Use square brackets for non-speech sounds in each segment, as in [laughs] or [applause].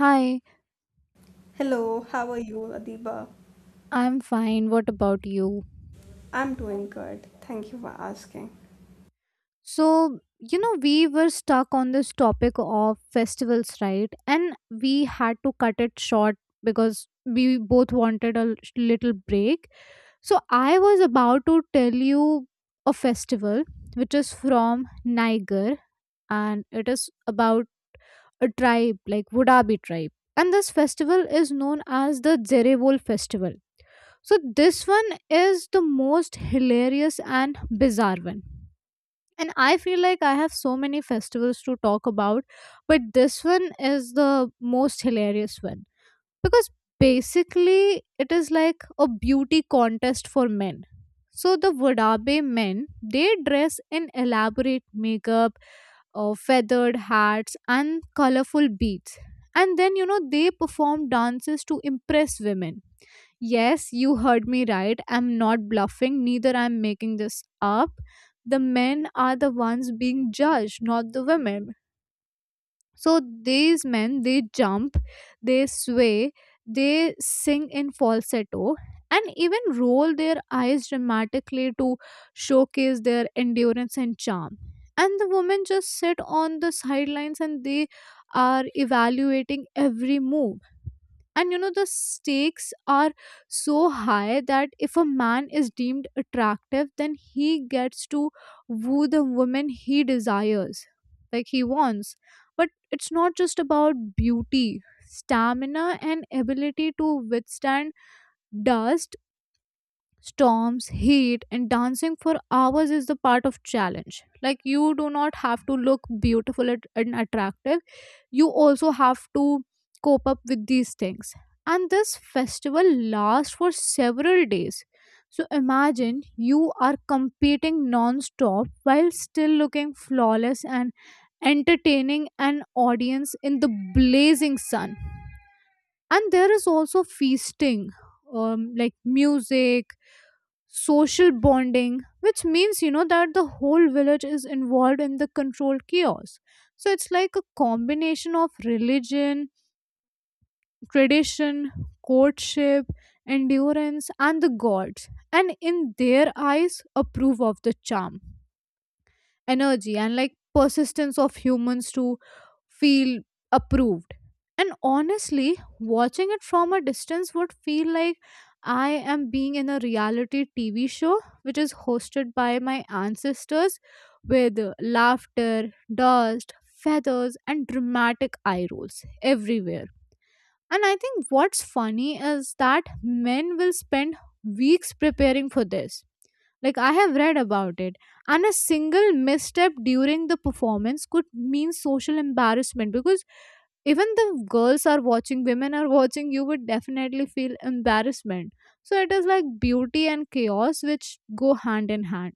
Hi, Hello, how are you, Adiba? I'm fine. What about you? I'm doing good. Thank you for asking. So, we were stuck on this topic of festivals, right? And we had to cut it short because we both wanted a little break. So, I was about to tell you a festival which is from Niger and it is about a tribe like Wudabi tribe. And this festival is known as the Zerevol festival. So this one is the most hilarious and bizarre one. And I feel like I have so many festivals to talk about, but this one is the most hilarious one because basically it is like a beauty contest for men. So the Wadabe men, they dress in elaborate makeup, feathered hats, and colorful beads. And then, they perform dances to impress women. Yes, you heard me right. I'm not bluffing, neither I'm making this up. The men are the ones being judged, not the women. So these men, they jump, they sway, they sing in falsetto, and even roll their eyes dramatically to showcase their endurance and charm. And the women just sit on the sidelines and they are evaluating every move, and you know the stakes are so high that if a man is deemed attractive then he gets to woo the woman he desires, like he wants. But it's not just about beauty, stamina and ability to withstand dust storms, heat and dancing for hours is the part of challenge. Like, you do not have to look beautiful and attractive, you also have to cope up with these things. And this festival lasts for several days, so imagine you are competing non-stop while still looking flawless and entertaining an audience in the blazing sun. And there is also feasting, like music, social bonding, which means you know that the whole village is involved in the controlled chaos. So it's like a combination of religion, tradition, courtship, endurance, and the gods and in their eyes approve of the charm, energy and like persistence of humans to feel approved. And honestly, watching it from a distance would feel like I am being in a reality TV show which is hosted by my ancestors with laughter, dust, feathers, and dramatic eye rolls everywhere. And I think what's funny is that men will spend weeks preparing for this. Like, I have read about it, and a single misstep during the performance could mean social embarrassment, because even the girls are watching, women are watching, you would definitely feel embarrassment. So it is like beauty and chaos which go hand in hand.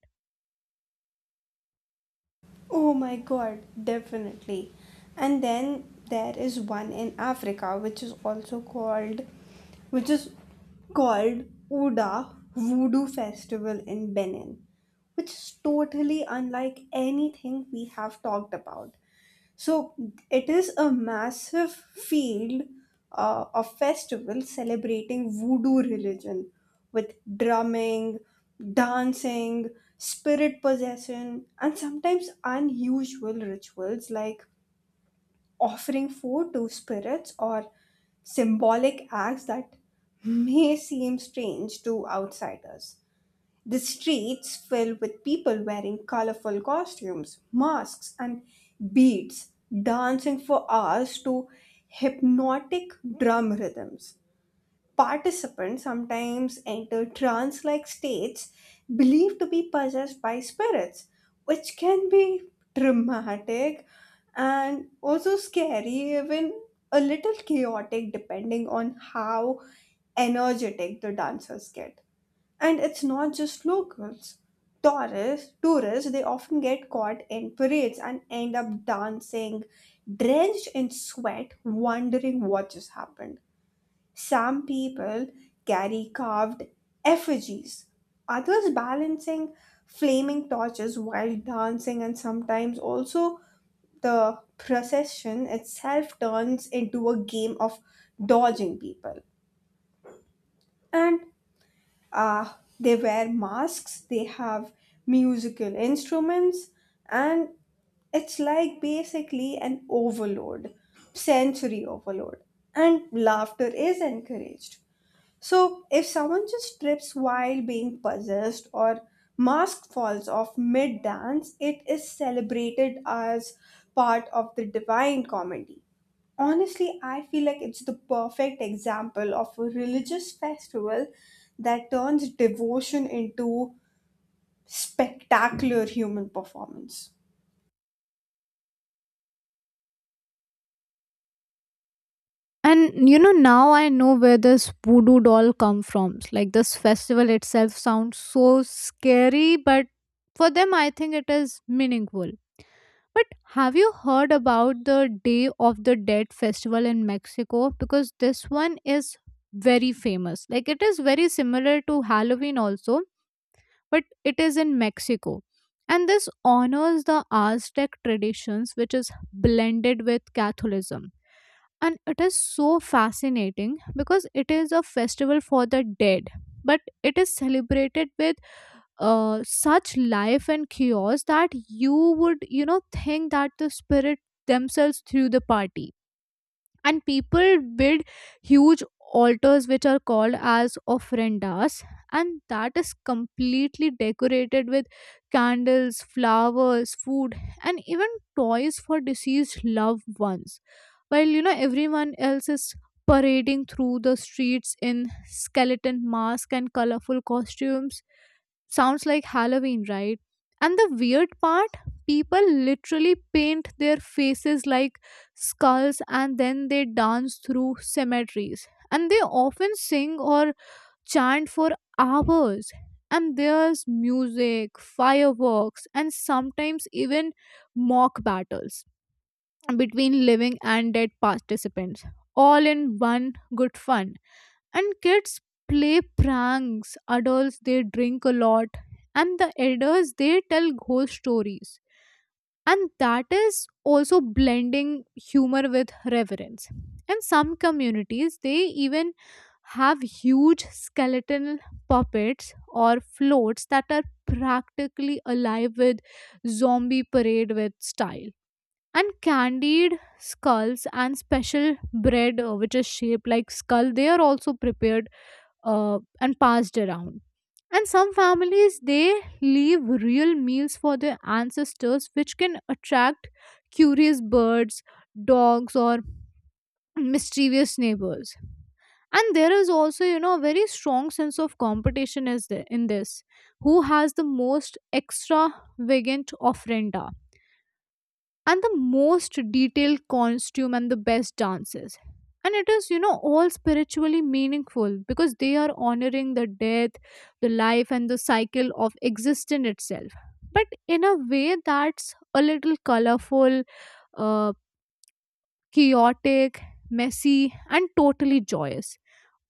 Oh my god, definitely. And then there is one in Africa which is called Oda Voodoo Festival in Benin, which is totally unlike anything we have talked about. So it is a massive field of festivals celebrating voodoo religion with drumming, dancing, spirit possession, and sometimes unusual rituals like offering food to spirits or symbolic acts that may seem strange to outsiders. The streets filled with people wearing colorful costumes, masks, and beads, dancing for hours to hypnotic drum rhythms. Participants sometimes enter trance like states believed to be possessed by spirits, which can be dramatic and also scary, even a little chaotic, depending on how energetic the dancers get. And it's not just locals. Tourists, they often get caught in parades and end up dancing, drenched in sweat, wondering what just happened. Some people carry carved effigies, others balancing flaming torches while dancing, and sometimes also the procession itself turns into a game of dodging people. And uh, they wear masks. They have musical instruments, and it's like basically an overload, sensory overload, and laughter is encouraged. So, if someone just trips while being possessed or mask falls off mid dance, it is celebrated as part of the divine comedy. Honestly, I feel like it's the perfect example of a religious festival that turns devotion into spectacular human performance. And you know now I know where this voodoo doll come from. Like this festival itself sounds so scary, but for them I think it is meaningful. But have you heard about the Day of the Dead festival in Mexico? Because this one is very famous. Like it is very similar to Halloween also, but it is in Mexico. And this honors the Aztec traditions, which is blended with Catholicism. And it is so fascinating because it is a festival for the dead, but it is celebrated with such life and chaos that you would, you know, think that the spirit themselves threw the party. And people build huge altars which are called as ofrendas, and that is completely decorated with candles, flowers, food, and even toys for deceased loved ones, while you know everyone else is parading through the streets in skeleton masks and colorful costumes. Sounds like Halloween, right? And the weird part, people literally paint their faces like skulls and then they dance through cemeteries. And they often sing or chant for hours. And there's music, fireworks, and sometimes even mock battles between living and dead participants, all in one good fun. And kids play pranks, adults they drink a lot, and the elders they tell ghost stories. And that is also blending humor with reverence. And some communities they even have huge skeletal puppets or floats that are practically alive with zombie parade with style, and candied skulls and special bread, which is shaped like skull, they are also prepared and passed around. And some families they leave real meals for their ancestors which can attract curious birds, dogs or mischievous neighbors. And there is also, you know, a very strong sense of competition is there in this, who has the most extravagant offerenda and the most detailed costume and the best dances. And it is, you know, all spiritually meaningful because they are honoring the death, the life and the cycle of existence itself, but in a way that's a little colorful, uh, chaotic, messy and totally joyous.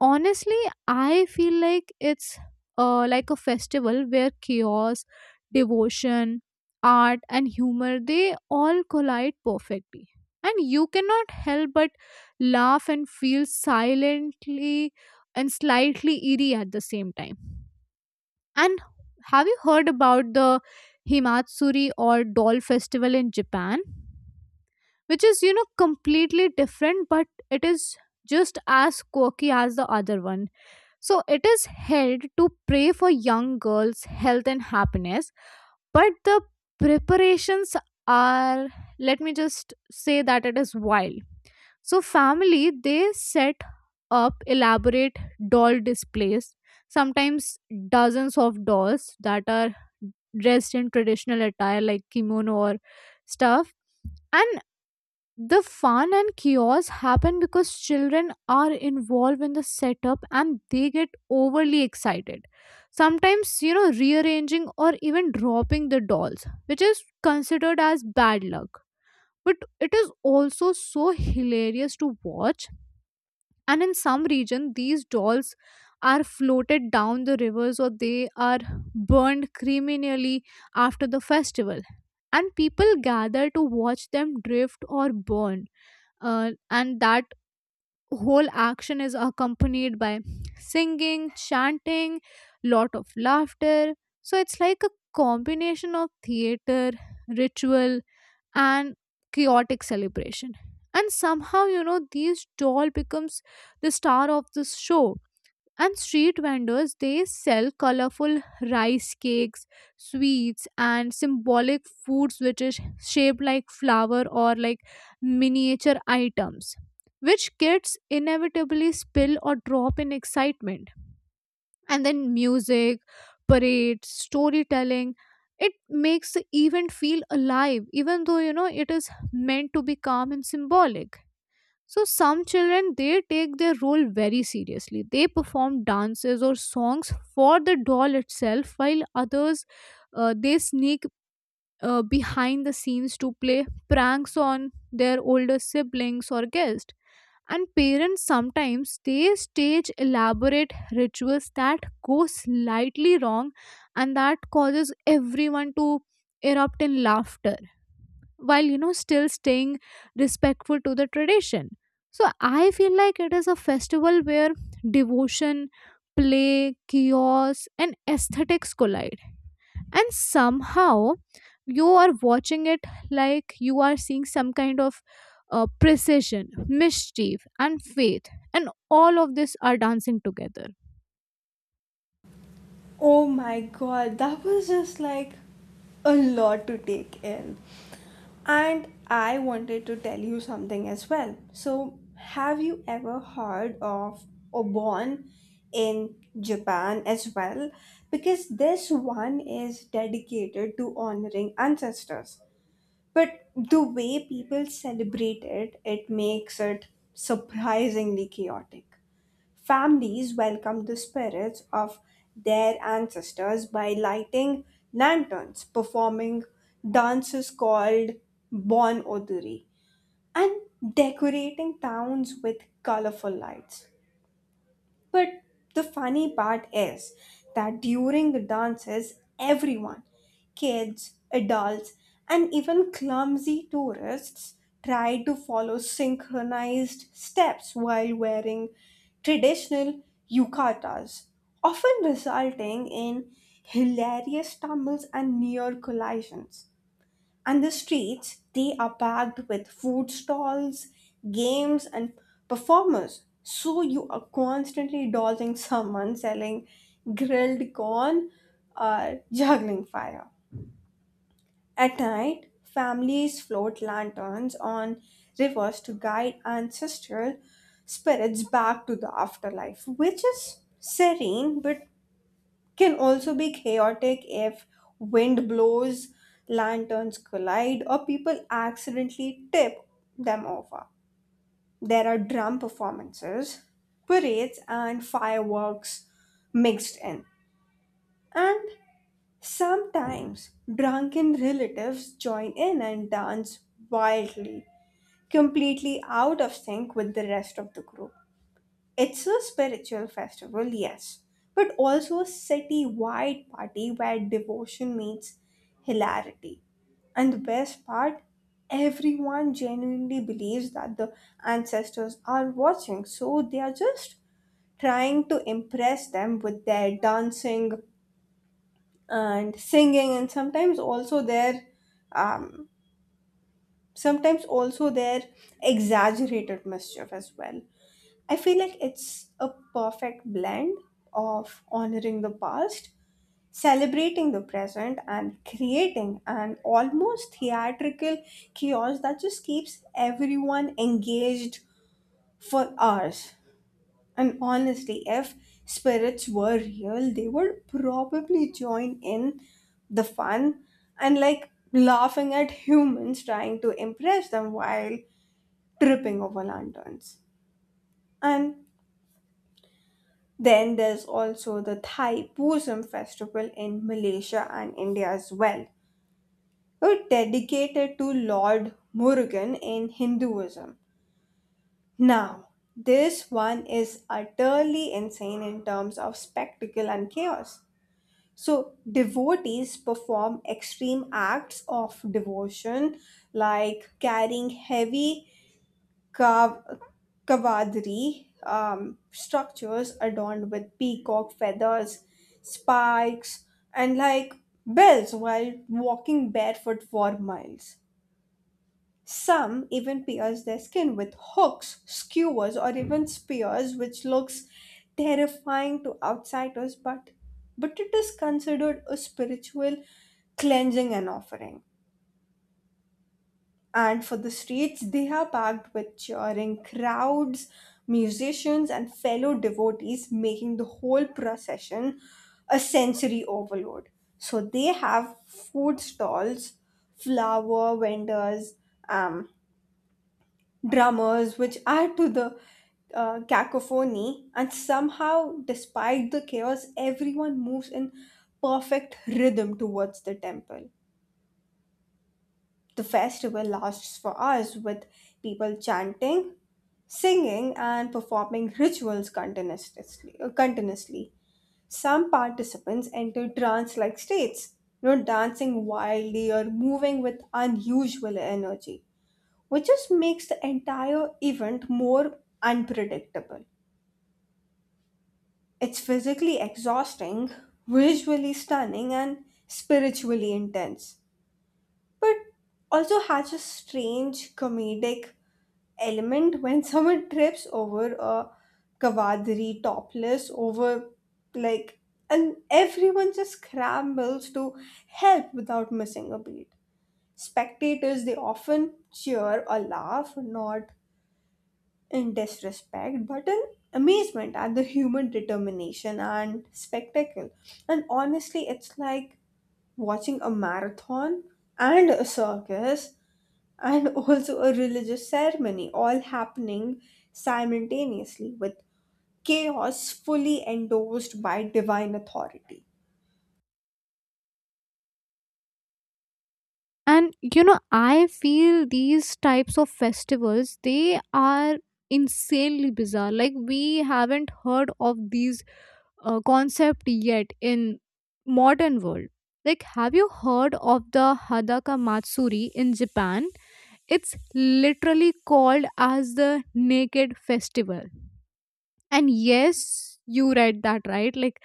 Honestly, I feel like it's, like a festival where chaos, devotion, art and humor they all collide perfectly, and you cannot help but laugh and feel silently and slightly eerie at the same time. And have you heard about the himatsuri or doll festival in Japan, which is you know completely different, but it is just as quirky as the other one? So it is held to pray for young girls' health and happiness, but the preparations are, let me just say that it is wild. So family they set up elaborate doll displays, sometimes dozens of dolls that are dressed in traditional attire like kimono or stuff, and the fun and chaos happen because children are involved in the setup and they get overly excited. Sometimes, you know, rearranging or even dropping the dolls, which is considered as bad luck. But it is also so hilarious to watch. And in some region, these dolls are floated down the rivers or they are burned criminally after the festival. And people gather to watch them drift or burn, and that whole action is accompanied by singing, chanting, lot of laughter. So it's like a combination of theater, ritual, and chaotic celebration, and somehow you know these doll becomes the star of this show. And street vendors they sell colorful rice cakes, sweets and symbolic foods which is shaped like flower or like miniature items, which kids inevitably spill or drop in excitement. And then music, parades, storytelling, it makes the event feel alive even though you know it is meant to be calm and symbolic. So some children they take their role very seriously. They perform dances or songs for the doll itself, while others they sneak behind the scenes to play pranks on their older siblings or guests. And parents sometimes they stage elaborate rituals that go slightly wrong, and that causes everyone to erupt in laughter while you know still staying respectful to the tradition. So I feel like it is a festival where devotion, play, chaos and aesthetics collide, and somehow you are watching it like you are seeing some kind of precision, mischief and faith, and all of this are dancing together. Oh my god, that was just like a lot to take in. And I wanted to tell you something as well. So, have you ever heard of Obon in Japan as well? Because this one is dedicated to honoring ancestors. But the way people celebrate it, it makes it surprisingly chaotic. Families welcome the spirits of their ancestors by lighting lanterns, performing dances called Bon Oduri, and decorating towns with colorful lights. But the funny part is that during the dances, everyone, kids, adults, and even clumsy tourists try to follow synchronized steps while wearing traditional yukatas, often resulting in hilarious stumbles and near collisions. And the streets, they are packed with food stalls, games, and performers. So you are constantly dodging someone selling grilled corn or juggling fire. At night, families float lanterns on rivers to guide ancestral spirits back to the afterlife, which is serene but can also be chaotic if wind blows, lanterns collide, or people accidentally tip them over. There are drum performances, parades, and fireworks mixed in. And sometimes drunken relatives join in and dance wildly, completely out of sync with the rest of the group. It's a spiritual festival, yes, but also a city wide party where devotion meets hilarity. And the best part, everyone genuinely believes that the ancestors are watching, so they are just trying to impress them with their dancing and singing, and um, sometimes also their exaggerated mischief as well. I feel like it's a perfect blend of honoring the past, celebrating the present, and creating an almost theatrical chaos that just keeps everyone engaged for hours. And honestly, if spirits were real, they would probably join in the fun and like laughing at humans trying to impress them while tripping over lanterns. And then there's also the Thai Pusam festival in Malaysia and India as well. It's dedicated to Lord Murugan in Hinduism. Now, this one is utterly insane in terms of spectacle and chaos. So, devotees perform extreme acts of devotion like carrying heavy cav- cavalry structures adorned with peacock feathers, spikes, and like bells while walking barefoot for miles. Some even pierce their skin with hooks, skewers, or even spears, which looks terrifying to outsiders, but it is considered a spiritual cleansing and offering. And for the streets, they are packed with cheering crowds, musicians, and fellow devotees, making the whole procession a sensory overload. So they have food stalls, flower vendors, um, drummers, which add to the cacophony. And somehow, despite the chaos, everyone moves in perfect rhythm towards the temple. The festival lasts for hours with people chanting, singing, and performing rituals continuously. Some participants enter trance like states, you know, dancing wildly or moving with unusual energy, which just makes the entire event more unpredictable. It's physically exhausting, visually stunning, and spiritually intense, but also has a strange comedic element when [laughs] someone trips over a kawadri topless over like, and everyone just scrambles to help without missing a beat. Spectators, they often cheer or laugh, not in disrespect but in amazement at the human determination and spectacle. And honestly, it's like watching a marathon and a circus and [laughs] also a religious ceremony all happening simultaneously, with chaos fully endorsed by divine authority. And you know I feel these types of festivals they are insanely bizarre, like we haven't heard of these concept yet in modern world. Like have you heard of the hadaka matsuri in Japan? It's literally called as the naked festival. And yes, you read that right. Like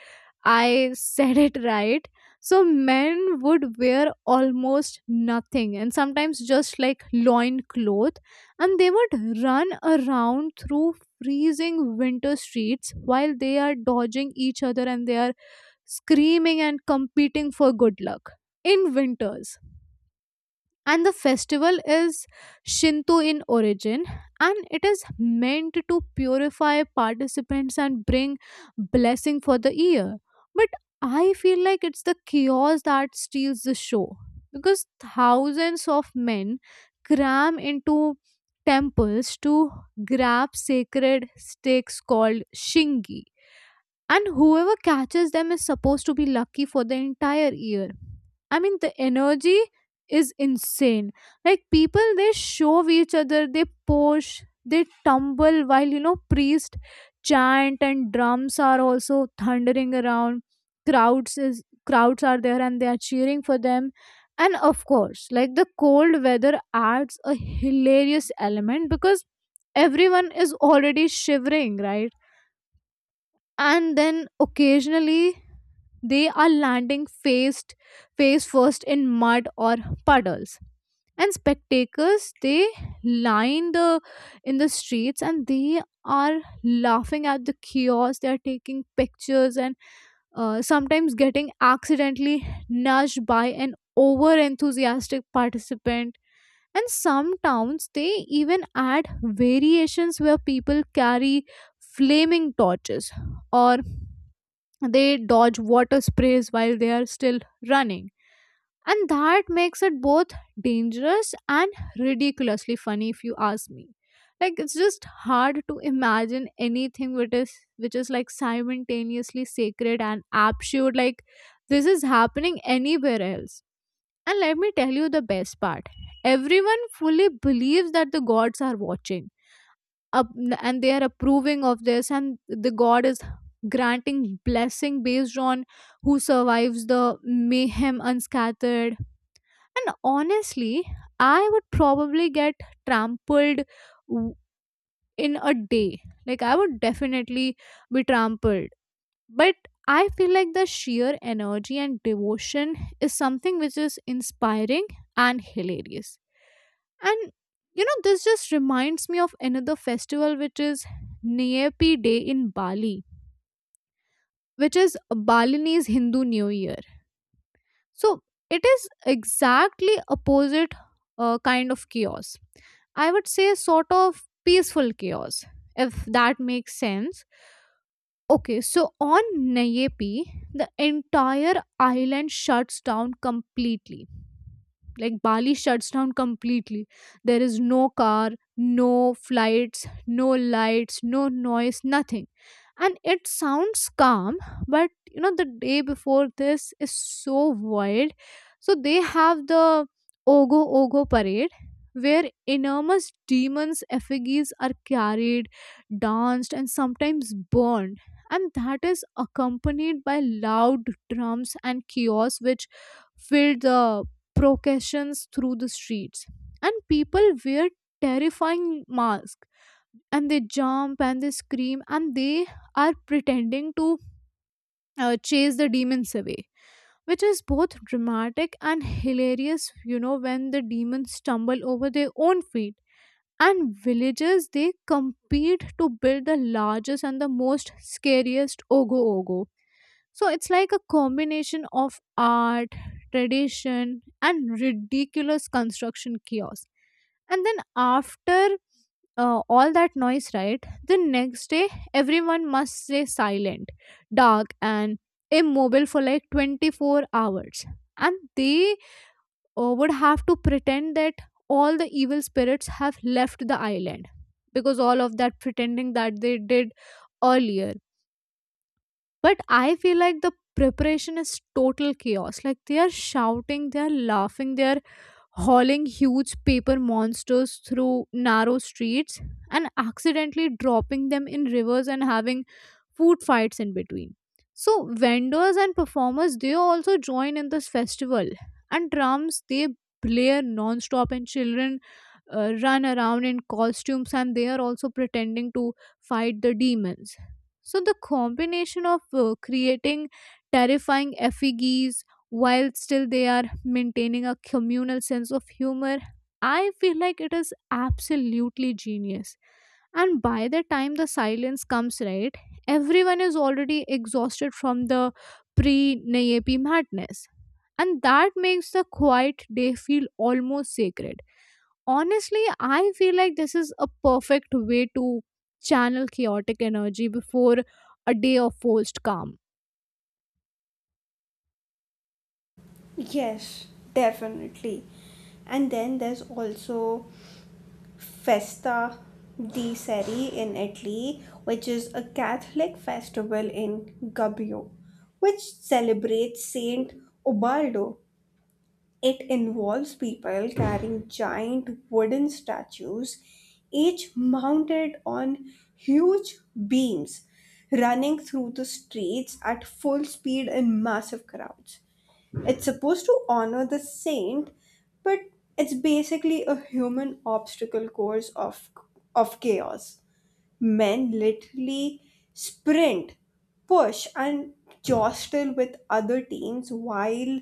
I said [laughs] it right. So men would wear almost nothing and sometimes just like loin cloth, and they would run around through freezing winter streets while they are dodging each other and they are screaming and competing for good luck in winters. And the festival is Shinto in origin, and it is meant to purify participants and bring blessing for the year. But I feel like it's the chaos that steals the show, because thousands of men cram into temples to grab sacred stakes called shingi, and whoever catches them is supposed to be lucky for the entire year. I mean, the energy is insane. Like, people they shove each other, they push, they tumble while you know, priest chant and drums are also thundering around. Crowds are there and they are cheering for them. And of course, like the cold weather adds a hilarious element because everyone is already shivering, right? And then occasionally they are landing face first in mud or puddles, and spectators they line the in the streets, and they are laughing at the chaos, they are taking pictures, and sometimes getting accidentally nudged by an over enthusiastic participant. And some towns they even add variations where people carry flaming torches or they dodge water sprays while they are still running, and that makes it both dangerous and ridiculously funny if you ask me. Like, it's just hard to imagine anything which is like simultaneously sacred and absurd, like this is happening anywhere else. And let me tell you the best part: everyone fully believes that the gods are watching up, and they are approving of this, and the god is granting blessing based on who survives the mayhem unscattered. And honestly, I would probably get trampled w- in a day. Like, I would definitely be trampled. But I feel like the sheer energy and devotion is something which is inspiring and hilarious. And this just reminds me of another festival, which is Neepi Day in Bali, which is Balinese Hindu New Year. So it is exactly opposite kind of chaos. I would say sort of peaceful chaos, if that makes sense. Okay, so on Nayepi, the entire island shuts down completely. Like, Bali shuts down completely. There is no car, no flights, no lights, no noise, nothing. And it sounds calm, but the day before this is so wild. So they have the Ogo Ogo parade where enormous demons' effigies are carried, danced, and sometimes burned, and that is accompanied by loud drums and chaos which filled the processions through the streets. And people wear terrifying masks, and they jump and they scream and they are pretending to chase the demons away, which is both dramatic and hilarious, when the demons stumble over their own feet. And villagers they compete to build the largest and the most scariest ogo ogo, so it's like a combination of art, tradition, and ridiculous construction chaos. And then after all that noise, right, the next day everyone must stay silent, dark, and immobile for like 24 hours. And they would have to pretend that all the evil spirits have left the island, because all of that pretending that they did earlier. But I feel like the preparation is total chaos. Like, they are shouting, they are laughing, they are hauling huge paper monsters through narrow streets and accidentally dropping them in rivers and having food fights in between. So vendors and performers they also join in this festival, and drums they blare non-stop, and children run around in costumes and they are also pretending to fight the demons. So, the combination of creating terrifying effigies while still they are maintaining a communal sense of humor, I feel like it is absolutely genius. And by the time the silence comes, right, everyone is already exhausted from the pre Nayepi madness, and that makes the quiet day feel almost sacred. Honestly, I feel like this is a perfect way to channel chaotic energy before a day of forced calm. Yes, definitely. And then there's also Festa di Seri in Italy, which is a Catholic festival in Gubbio, which celebrates Saint Ubaldo. It involves people carrying giant wooden statues, each mounted on huge beams, running through the streets at full speed in massive crowds. It's supposed to honor the saint, but it's basically a human obstacle course of chaos. Men literally sprint, push, and jostle with other teams while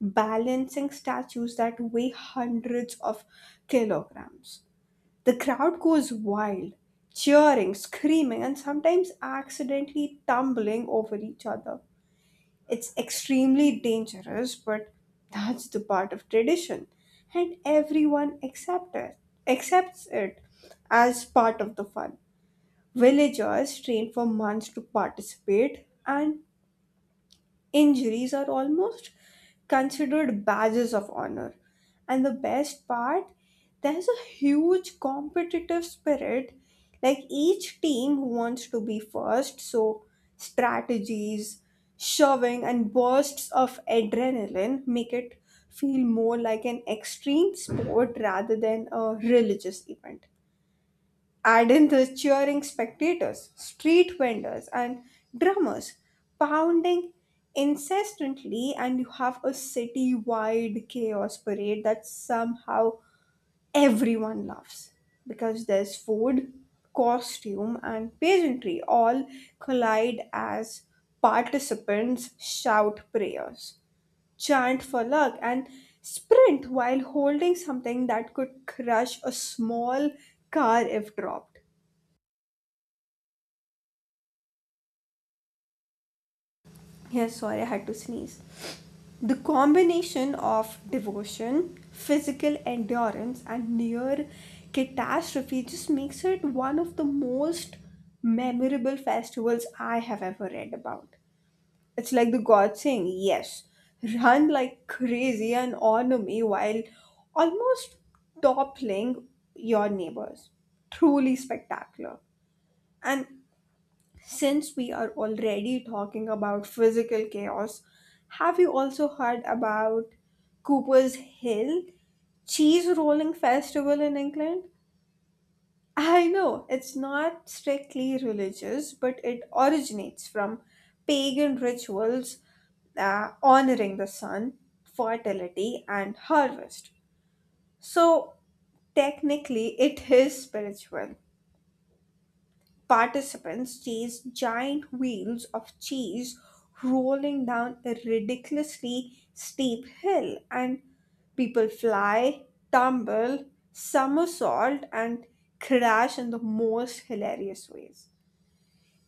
balancing statues that weigh hundreds of kilograms. The crowd goes wild, cheering, screaming, and sometimes accidentally tumbling over each other. It's extremely dangerous, but that's the part of tradition, and accepts it as part of the fun. Villagers train for months to participate, and injuries are almost considered badges of honor. And the best part, there's a huge competitive spirit. Like each team wants to be first, so strategies, shoving, and bursts of adrenaline make it feel more like an extreme sport rather than a religious event. Add in the cheering spectators, street vendors, and drummers pounding incessantly, and you have a city wide chaos parade that somehow everyone loves, because there's food, costume, and pageantry all collide as participants shout prayers, chant for luck, and sprint while holding something that could crush a small car if dropped. Yes, sorry, I had to sneeze. The combination of devotion, physical endurance, and near catastrophe just makes it one of the most memorable festivals I have ever read about. It's like the god saying, yes, run like crazy and honor me while almost toppling your neighbors. Truly spectacular. And since we are already talking about physical chaos, have you also heard about Cooper's Hill Cheese Rolling Festival in England? I know it's not strictly religious, but it originates from pagan rituals honoring the sun, fertility, and harvest. So, technically, it is spiritual. Participants chase giant wheels of cheese rolling down a ridiculously steep hill, and people fly, tumble, somersault, and crash in the most hilarious ways.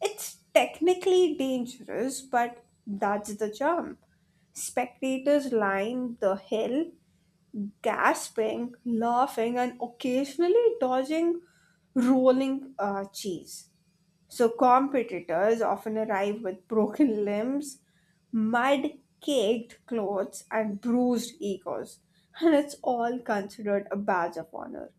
It's technically dangerous, but that's the charm. Spectators line the hill, gasping, laughing, and occasionally dodging rolling cheese. So competitors often arrive with broken limbs, mud caked clothes, and bruised egos, and it's all considered a badge of honor.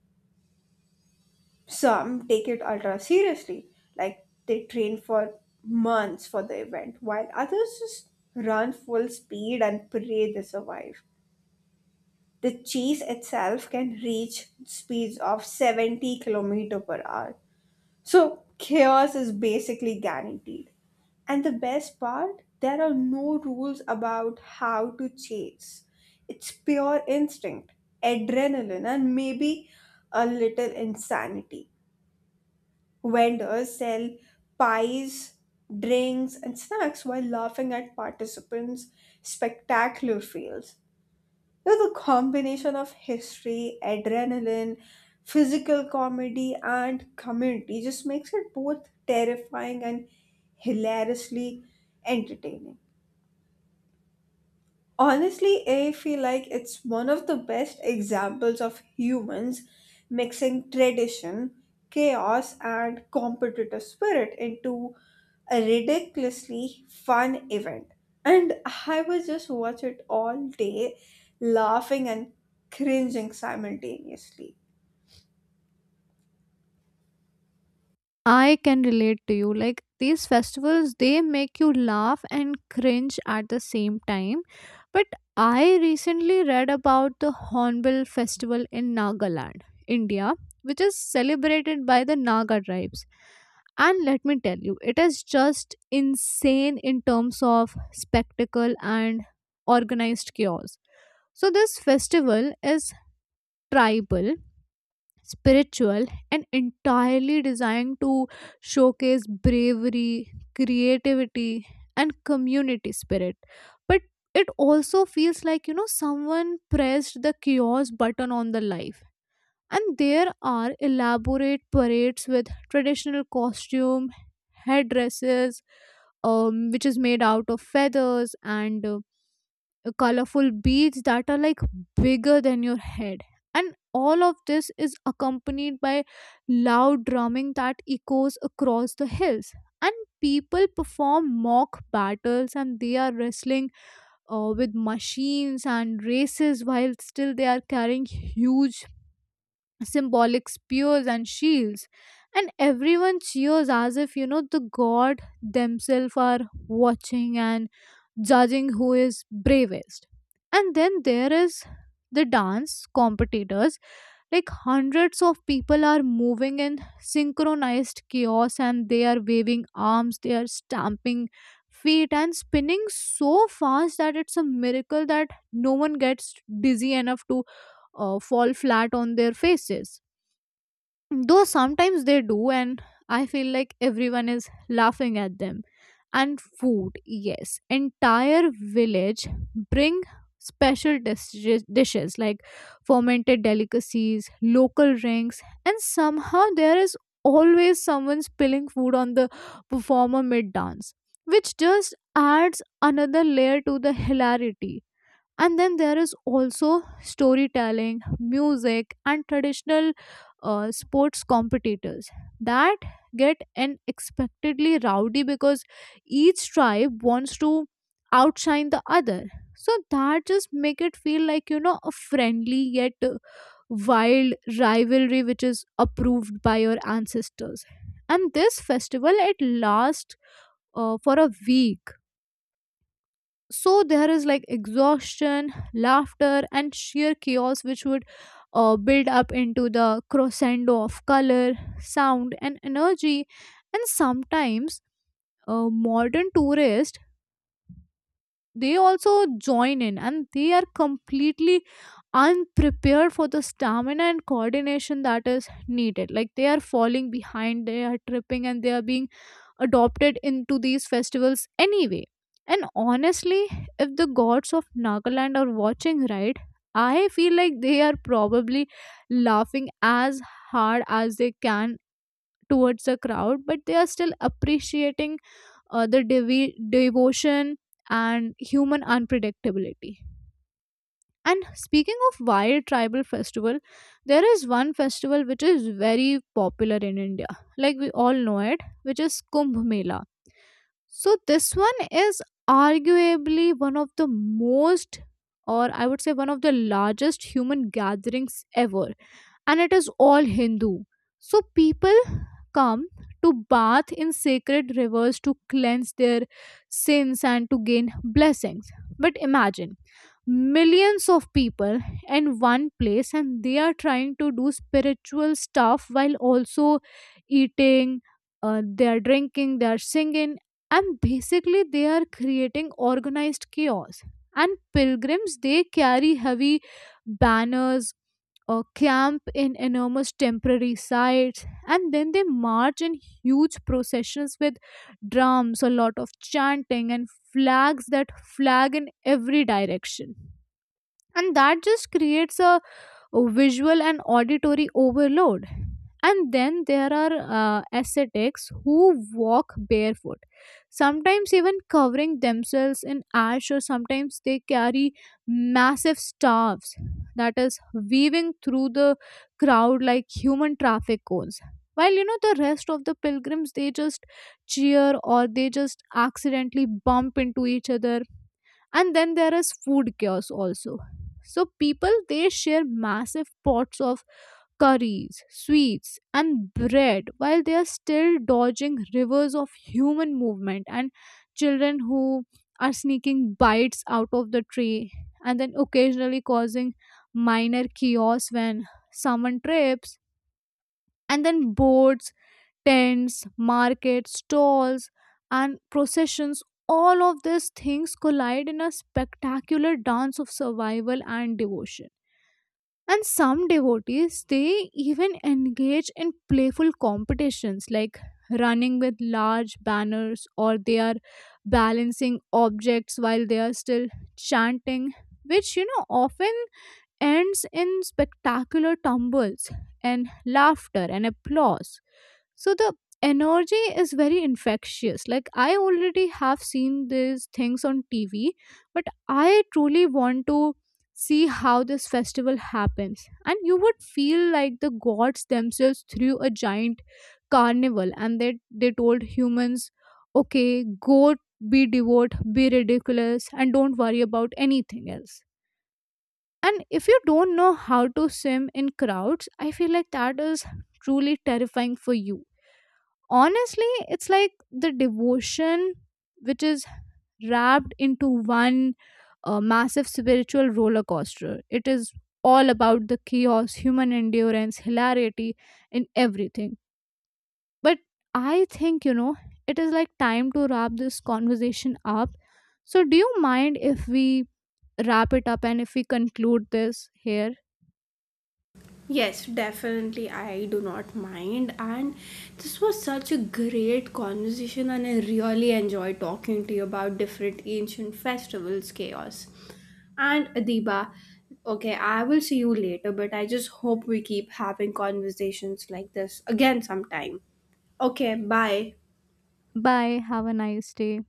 Some take it ultra seriously, like they train for months for the event, while others just run full speed and pray they survive. The chase itself can reach speeds of 70 kilometers per hour. So chaos is basically guaranteed. And the best part, there are no rules about how to chase. It's pure instinct, adrenaline, and maybe a little insanity. Vendors sell pies, drinks, and snacks while laughing at participants' spectacular fails. You know, the combination of history, adrenaline, physical comedy, and community just makes it both terrifying and hilariously entertaining. Honestly, I feel like it's one of the best examples of humans mixing tradition, chaos, and competitive spirit into a ridiculously fun event. And I would just watch it all day, laughing and cringing simultaneously. I can relate to you. Like, these festivals, they make you laugh and cringe at the same time. But I recently read about the Hornbill Festival in Nagaland, India, which is celebrated by the Naga tribes. And let me tell you, it is just insane in terms of spectacle and organized chaos. So, this festival is tribal, spiritual, and entirely designed to showcase bravery, creativity, and community spirit. But it also feels like, you know, someone pressed the chaos button on the life. And there are elaborate parades with traditional costume, headdresses, which is made out of feathers and colorful beads that are like bigger than your head. And all of this is accompanied by loud drumming that echoes across the hills. And people perform mock battles, and they are wrestling with machines, and races while still they are carrying huge symbolic spears and shields. And everyone cheers as if, you know, the god themselves are watching and judging who is bravest. And then there is the dance competitors. Like, hundreds of people are moving in synchronized chaos, and they are waving arms, they are stamping feet, and spinning so fast that it's a miracle that no one gets dizzy enough to fall flat on their faces, though sometimes they do, and I feel like everyone is laughing at them. And food, yes, entire village bring special dishes like fermented delicacies, local drinks, and somehow there is always someone spilling food on the performer mid dance, which just adds another layer to the hilarity. And then there is also storytelling, music, and traditional sports competitors that get unexpectedly rowdy because each tribe wants to outshine the other. So that just make it feel like, you know, a friendly yet wild rivalry which is approved by your ancestors. And this festival it lasts for a week, so there is like exhaustion, laughter, and sheer chaos which would build up into the crescendo of color, sound, and energy. And sometimes a modern tourist they also join in, and they are completely unprepared for the stamina and coordination that is needed. Like, they are falling behind, they are tripping, and they are being adopted into these festivals anyway. And honestly, if the gods of Nagaland are watching, right, I feel like they are probably laughing as hard as they can towards the crowd, but they are still appreciating devotion and human unpredictability. And speaking of wild tribal festival, there is one festival which is very popular in India, like we all know it, which is Kumbh Mela. So this one is arguably one of the most, or I would say one of the largest human gatherings ever, and it is all Hindu. So people come to bath in sacred rivers to cleanse their sins and to gain blessings. But imagine millions of people in one place, and they are trying to do spiritual stuff while also eating, they are drinking, they are singing, and basically they are creating organized chaos. And pilgrims they carry heavy banners, camp in enormous temporary sites, and then they march in huge processions with drums, a lot of chanting, and flags that flag in every direction, and that just creates a visual and auditory overload. And then there are ascetics who walk barefoot, sometimes even covering themselves in ash, or sometimes they carry massive staffs that is weaving through the crowd like human traffic cones. While, you know, the rest of the pilgrims, they just cheer or they just accidentally bump into each other. And then there is food chaos also, so people they share massive pots of curries, sweets, and bread while they are still dodging rivers of human movement, and children who are sneaking bites out of the tray and then occasionally causing minor chaos when someone trips. And then boards, tents, markets, stalls, and processions, all of these things collide in a spectacular dance of survival and devotion. And some devotees, they even engage in playful competitions, like running with large banners, or they are balancing objects while they are still chanting, which, you know, often ends in spectacular tumbles and laughter and applause. So the energy is very infectious. Like, I already have seen these things on TV, but I truly want to see how this festival happens. And you would feel like the gods themselves threw a giant carnival, and they told humans, okay, go be devout, be ridiculous, and don't worry about anything else. And if you don't know how to swim in crowds, I feel like that is truly terrifying for you. Honestly, it's like the devotion which is wrapped into one massive spiritual roller coaster. It is all about the chaos, human endurance, hilarity, and everything. But I think, you know, it is like time to wrap this conversation up. So do you mind if we wrap it up and if we conclude this here? Yes, definitely. I do not mind. And this was such a great conversation, and I really enjoyed talking to you about different ancient festivals, chaos. And Adiba, okay, I will see you later, but I just hope we keep having conversations like this again sometime. Okay, bye. Bye, have a nice day.